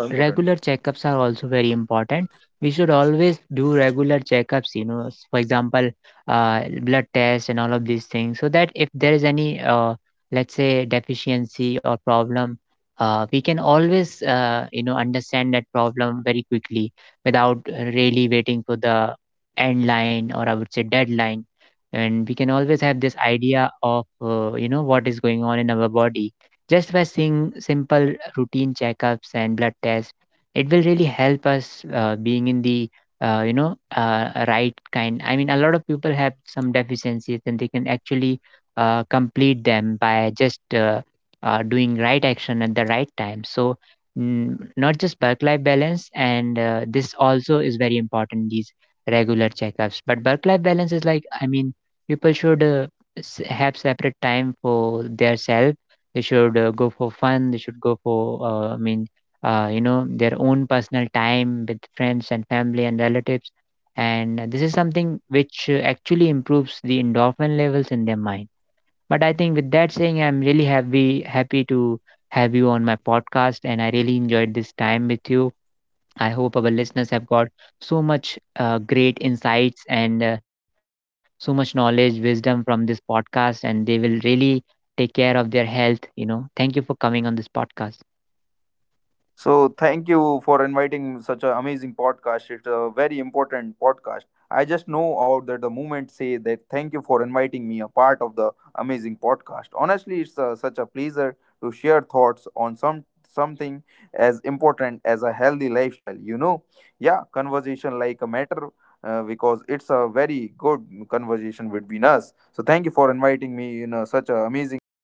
S1: regular checkups are also very important. We should always do regular checkups, you know, s- for example, uh, blood tests and all of these things, so that if there is any, uh, let's say, deficiency or problem, uh, we can always, uh, you know, understand that problem very quickly without uh, really waiting for the end line, or I would say deadline. And we can always have this idea of, uh, you know, what is going on in our body just by seeing simple routine checkups and blood tests. It will really help us uh, being in the uh, you know, uh, right kind. I mean, a lot of people have some deficiencies, and they can actually uh, complete them by just uh, uh, doing right action at the right time. So, mm, not just work-life balance, and uh, this also is very important, these regular checkups. But work-life balance is like, I mean, people should uh, s- have separate time for their self. They should uh, go for fun, they should go for, uh, i mean uh, you know, their own personal time with friends and family and relatives. And uh, this is something which uh, actually improves the endorphin levels in their mind. But I think with that saying, I'm really happy happy to have you on my podcast, and I really enjoyed this time with you. I hope our listeners have got so much uh, great insights, and uh, so much knowledge, wisdom from this podcast, and they will really take care of their health. You know, thank you for coming on this podcast.
S2: So thank you for inviting such an amazing podcast. It's a very important podcast. I
S1: I
S2: just
S1: really
S2: know about
S1: appreciate
S2: that the
S1: uh,
S2: moment
S1: your
S2: say
S1: time,
S2: that
S1: you know,
S2: thank you for
S1: for
S2: inviting me a
S1: being
S2: part of
S1: here.
S2: the
S1: And uh,
S2: amazing
S1: uh, I
S2: podcast.
S1: hope
S2: Honestly, it's uh
S1: that
S2: such
S1: we
S2: a
S1: will
S2: pleasure to
S1: continue
S2: share
S1: uh,
S2: thoughts
S1: to
S2: on
S1: do
S2: some
S1: such podcasts,
S2: something
S1: such uh,
S2: as
S1: meaningful
S2: important as a
S1: and
S2: healthy
S1: uh,
S2: lifestyle.
S1: mindful
S2: You know,
S1: podcasts in
S2: yeah,
S1: uh, future
S2: conversation like
S1: also.
S2: a matter, uh,
S1: Uh,
S2: because
S1: I
S2: it's
S1: really
S2: a
S1: thank you,
S2: very good
S1: all my listeners,
S2: conversation
S1: all
S2: between
S1: my
S2: us. So
S1: viewers,
S2: thank you for
S1: and
S2: inviting me in
S1: especially
S2: a,
S1: you.
S2: such an amazing